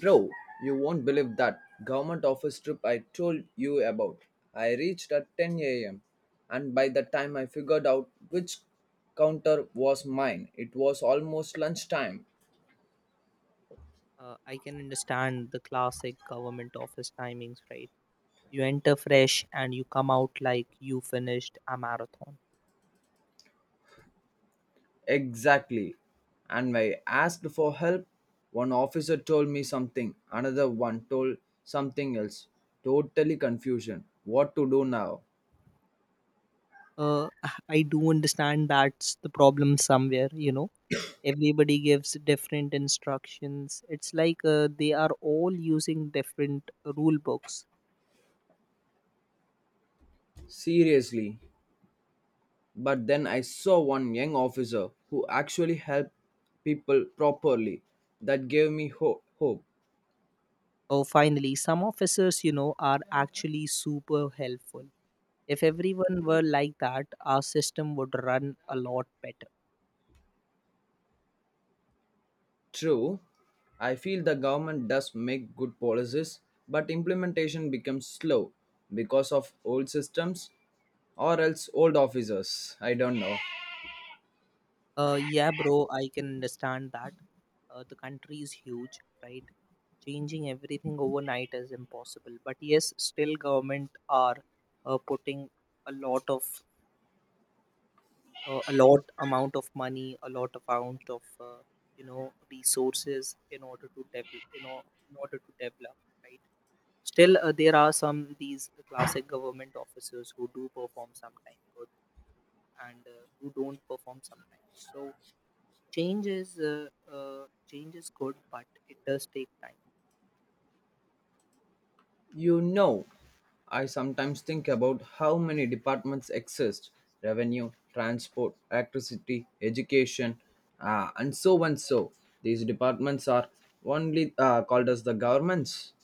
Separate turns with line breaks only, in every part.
Bro, you won't believe that government office trip I told you about. I reached at 10 a.m. and by the time I figured out which counter was mine, it was almost lunchtime.
I can understand the classic government office timings, right? You enter fresh and you come out like you finished a marathon.
Exactly. And when I asked for help, one officer told me something, another one told something else. Totally confusion. What to do now?
Uh, I do understand that's the problem somewhere, you know. Everybody gives different instructions. It's like they are all using different rule books.
Seriously. But then I saw one young officer who actually helped people properly. That gave me hope.
Oh, finally, some officers, you know, are actually super helpful. If everyone were like that, our system would run a lot better.
True, I feel the government does make good policies, but implementation becomes slow because of old systems or else old officers. I don't know.
Yeah, bro, I can understand that. The country is huge, right? Changing everything overnight is impossible. But yes, still government are putting a lot of a lot amount of money, a lot amount of resources in order to develop. You know, in order to develop, right? Still, there are some these classic government officers who do perform sometimes good and who don't perform sometimes. So change is uh, change is good, but it does take time.
You know, I sometimes think about how many departments exist revenue, transport, electricity, education, and so and so. These departments are only called as the governments.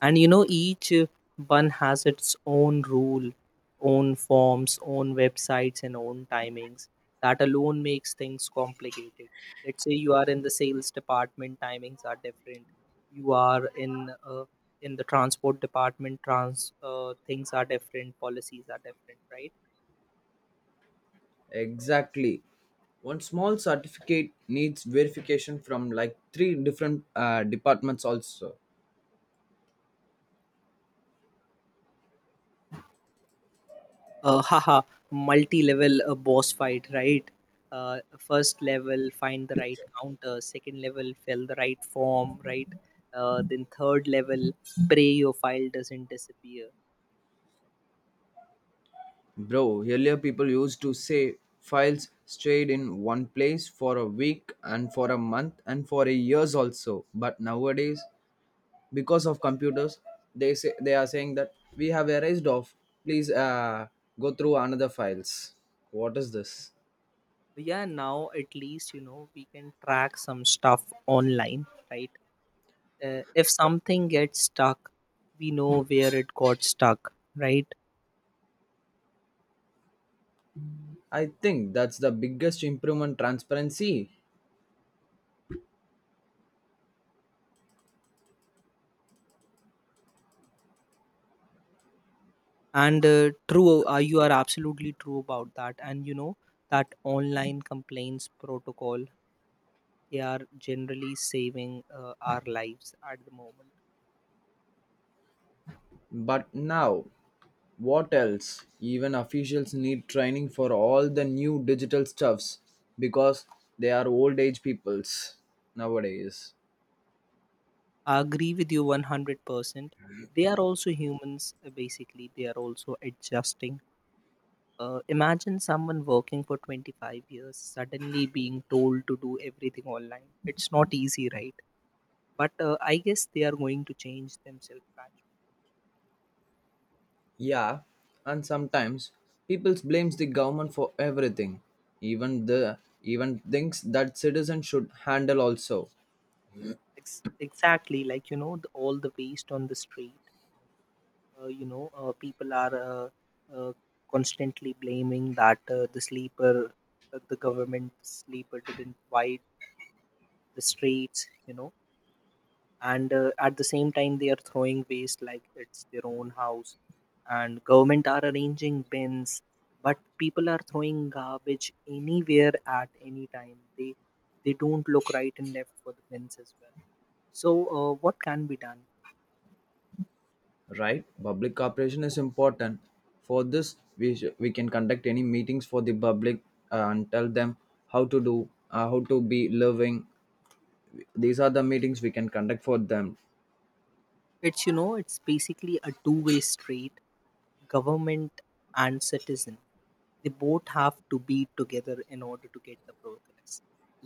And you know, each one has its own rule, own forms, own websites and own timings. That alone makes things complicated. Let's say you are in the sales department, timings are different. You are in the transport department, trans things are different, policies are different, right?
Exactly. One small certificate needs verification from like three different departments, also.
Haha, multi-level boss fight, right? First level, find the right counter. Second level, fill the right form, right? Then third level, pray your file doesn't disappear.
Bro, earlier people used to say files stayed in one place for a week and for a month and for a years also. But nowadays, because of computers, they are saying that we have erased off. Please go through another files. What is this?
So, yeah, now at least you know we can track some stuff online, right? If something gets stuck, we know where it got stuck, right?
I think that's the biggest improvement transparency.
And true, you are absolutely true about that, and you know that online complaints protocol, they are generally saving our lives at the moment.
But now, what else? Even officials need training for all the new digital stuffs because they are old age peoples nowadays.
I agree with you 100%. They are also humans, basically, they are also adjusting. Imagine someone working for 25 years suddenly being told to do everything online. It's not easy, right? But I guess they are going to change themselves gradually.
Yeah, and sometimes people blames the government for everything, even things that citizens should handle also.
Exactly, like you know, all the waste on the street, people are uh, constantly blaming that the sleeper, the government sleeper didn't wipe the streets, you know. And at the same time, they are throwing waste like it's their own house. And government are arranging bins, but people are throwing garbage anywhere at any time. They don't look right and left for the bins as well. So what can be done?
Right? Public cooperation is important. For this, we can conduct any meetings for the public and tell them how to do, how to be living. These are the meetings we can conduct for them.
It's, you know, it's basically a two-way street. Government and citizen, they both have to be together in order to get the progress.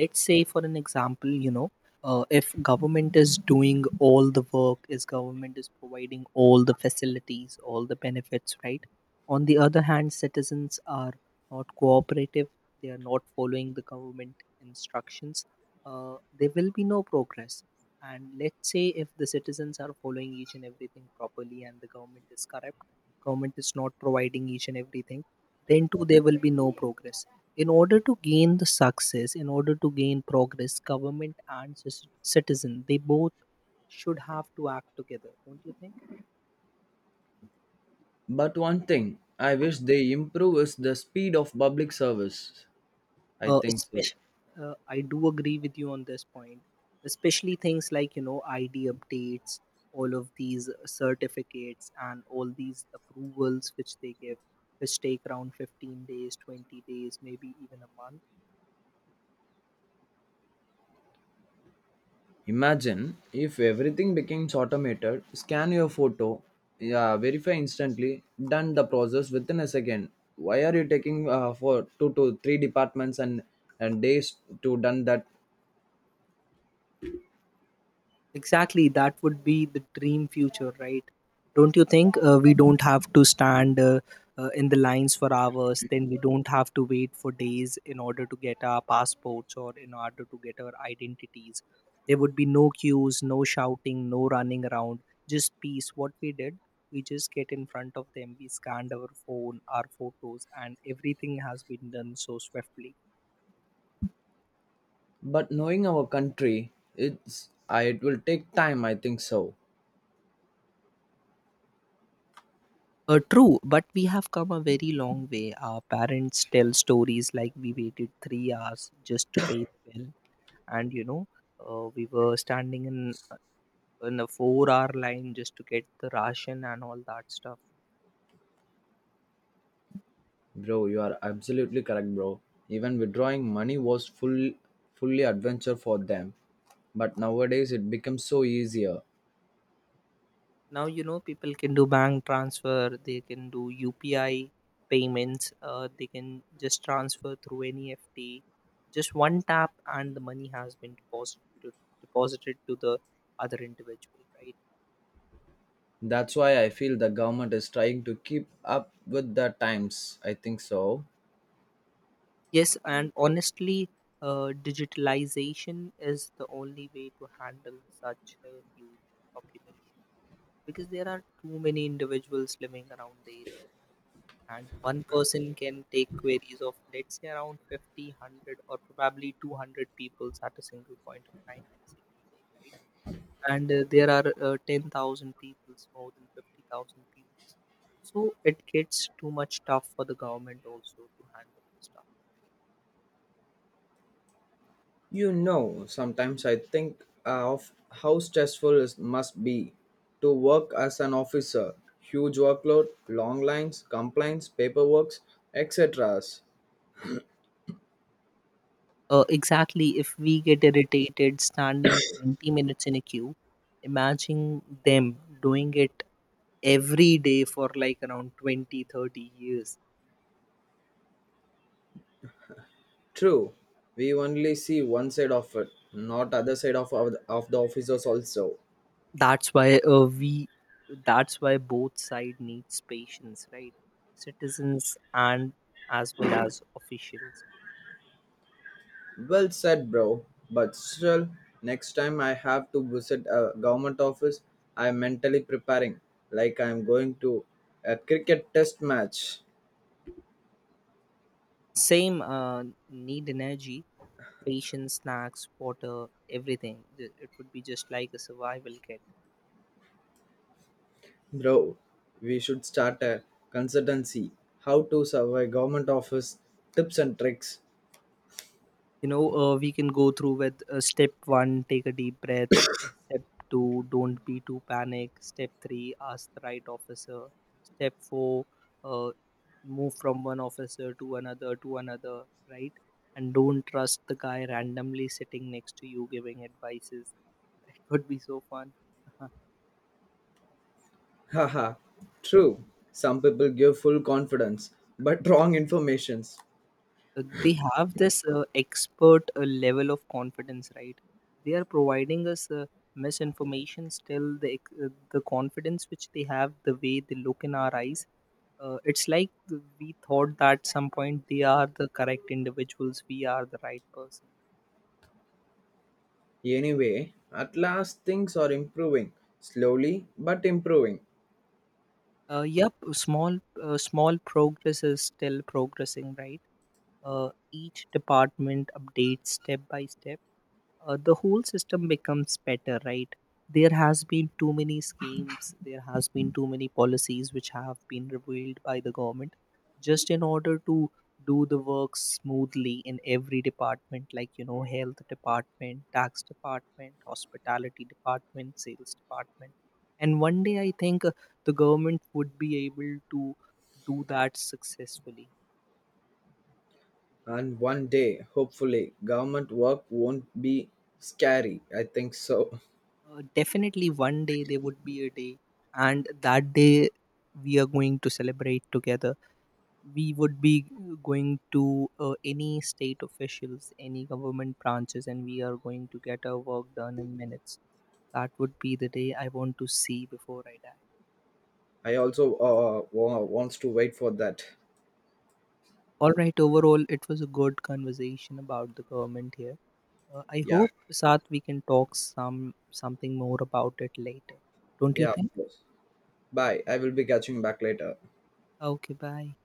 Let's say for an example, you know, if government is doing all the work, is government is providing all the facilities, all the benefits, right? On the other hand, citizens are not cooperative, they are not following the government instructions, there will be no progress. And let's say if the citizens are following each and everything properly and the government is corrupt, government is not providing each and everything, then too there will be no progress. In order to gain the success, in order to gain progress, government and citizen, they both should have to act together, don't you think?
But one thing I wish they improve is the speed of public service. I think so.
Especially, I do agree with you on this point, especially things like you know ID updates, all of these certificates and all these approvals which they give, which take around 15 days, 20 days, maybe even a month.
Imagine if everything becomes automated, scan your photo, yeah, verify instantly, done the process within a second. Why are you taking for two to three departments and days to done that?
Exactly, that would be the dream future, right? Don't you think we don't have to stand in the lines for hours? Then we don't have to wait for days in order to get our passports or in order to get our identities. There would be no queues, no shouting, no running around, just peace. What we did, we just get in front of them, we scanned our phone, our photos, and everything has been done so swiftly.
But knowing our country, it's it will take time. I think so.
True, but we have come a very long way. Our parents tell stories like we waited 3 hours just to pay the bill, and you know, we were standing in a four-hour line just to get the ration and all that stuff.
Bro, you are absolutely correct, bro. Even withdrawing money was fully adventure for them. But nowadays it becomes so easier.
Now you know people can do bank transfer, they can do UPI payments, they can just transfer through any FT. Just one tap, and the money has been deposited to the other individual, right?
That's why I feel the government is trying to keep up with the times. I think so.
Yes, and honestly, digitalization is the only way to handle such a huge population, because there are too many individuals living around the area, and one person can take queries of, let's say, around 50, 100, or probably 200 people at a single point of time in a single day, right? And there are 10,000 people, more than 50,000 people. So it gets too much tough for the government also to handle this.
You know, sometimes I think of how stressful it must be to work as an officer. Huge workload, long lines, complaints, paperwork, etc.
Exactly. If we get irritated standing 20 minutes in a queue, imagine them doing it every day for like around 20, 30 years.
True, we only see one side of it, not other side of the officers also.
That's why that's why both side needs patience, right? Citizens and as well as officials.
Well said, bro. But still, next time I have to visit a government office, I'm mentally preparing, like I'm going to a cricket test match,
Same, need energy, patience, snacks, water, everything. It would be just like a survival kit.
bro. We should start a consultancy. How to survive government office tips and tricks.
You know, we can go through with step one, take a deep breath. Step 2, don't be too panic. Step 3, ask the right officer. Step 4, uh, move from one officer to another, right? And don't trust the guy randomly sitting next to you giving advices. That would be so fun. Uh-huh.
Haha. True. Some people give full confidence, but wrong informations.
They have this expert level of confidence, right? They are providing us misinformation. Still, the confidence which they have, the way they look in our eyes, it's like we thought that some point they are the correct individuals, we are the right person.
Anyway, at last things are improving, slowly but improving.
Yep, small small progress is still progressing, right? Each department updates step by step, the whole system becomes better, right? There has been too many schemes, there has been too many policies which have been revealed by the government, just in order to do the work smoothly in every department, like you know, health department, tax department, hospitality department, sales department. And one day, I think, the government would be able to do that successfully.
And one day, hopefully, government work won't be scary. I think so.
Definitely, one day there would be a day, and that day we are going to celebrate together. We would be going to any state officials, any government branches, and we are going to get our work done in minutes. That would be the day I want to see before I die.
I also wants to wait for that.
All right, overall, it was a good conversation about the government here. I
Yeah,
hope, Sath, we can talk something more about it later. Don't you
yeah, of
think?
course. Bye. I will be catching back later.
Okay, bye.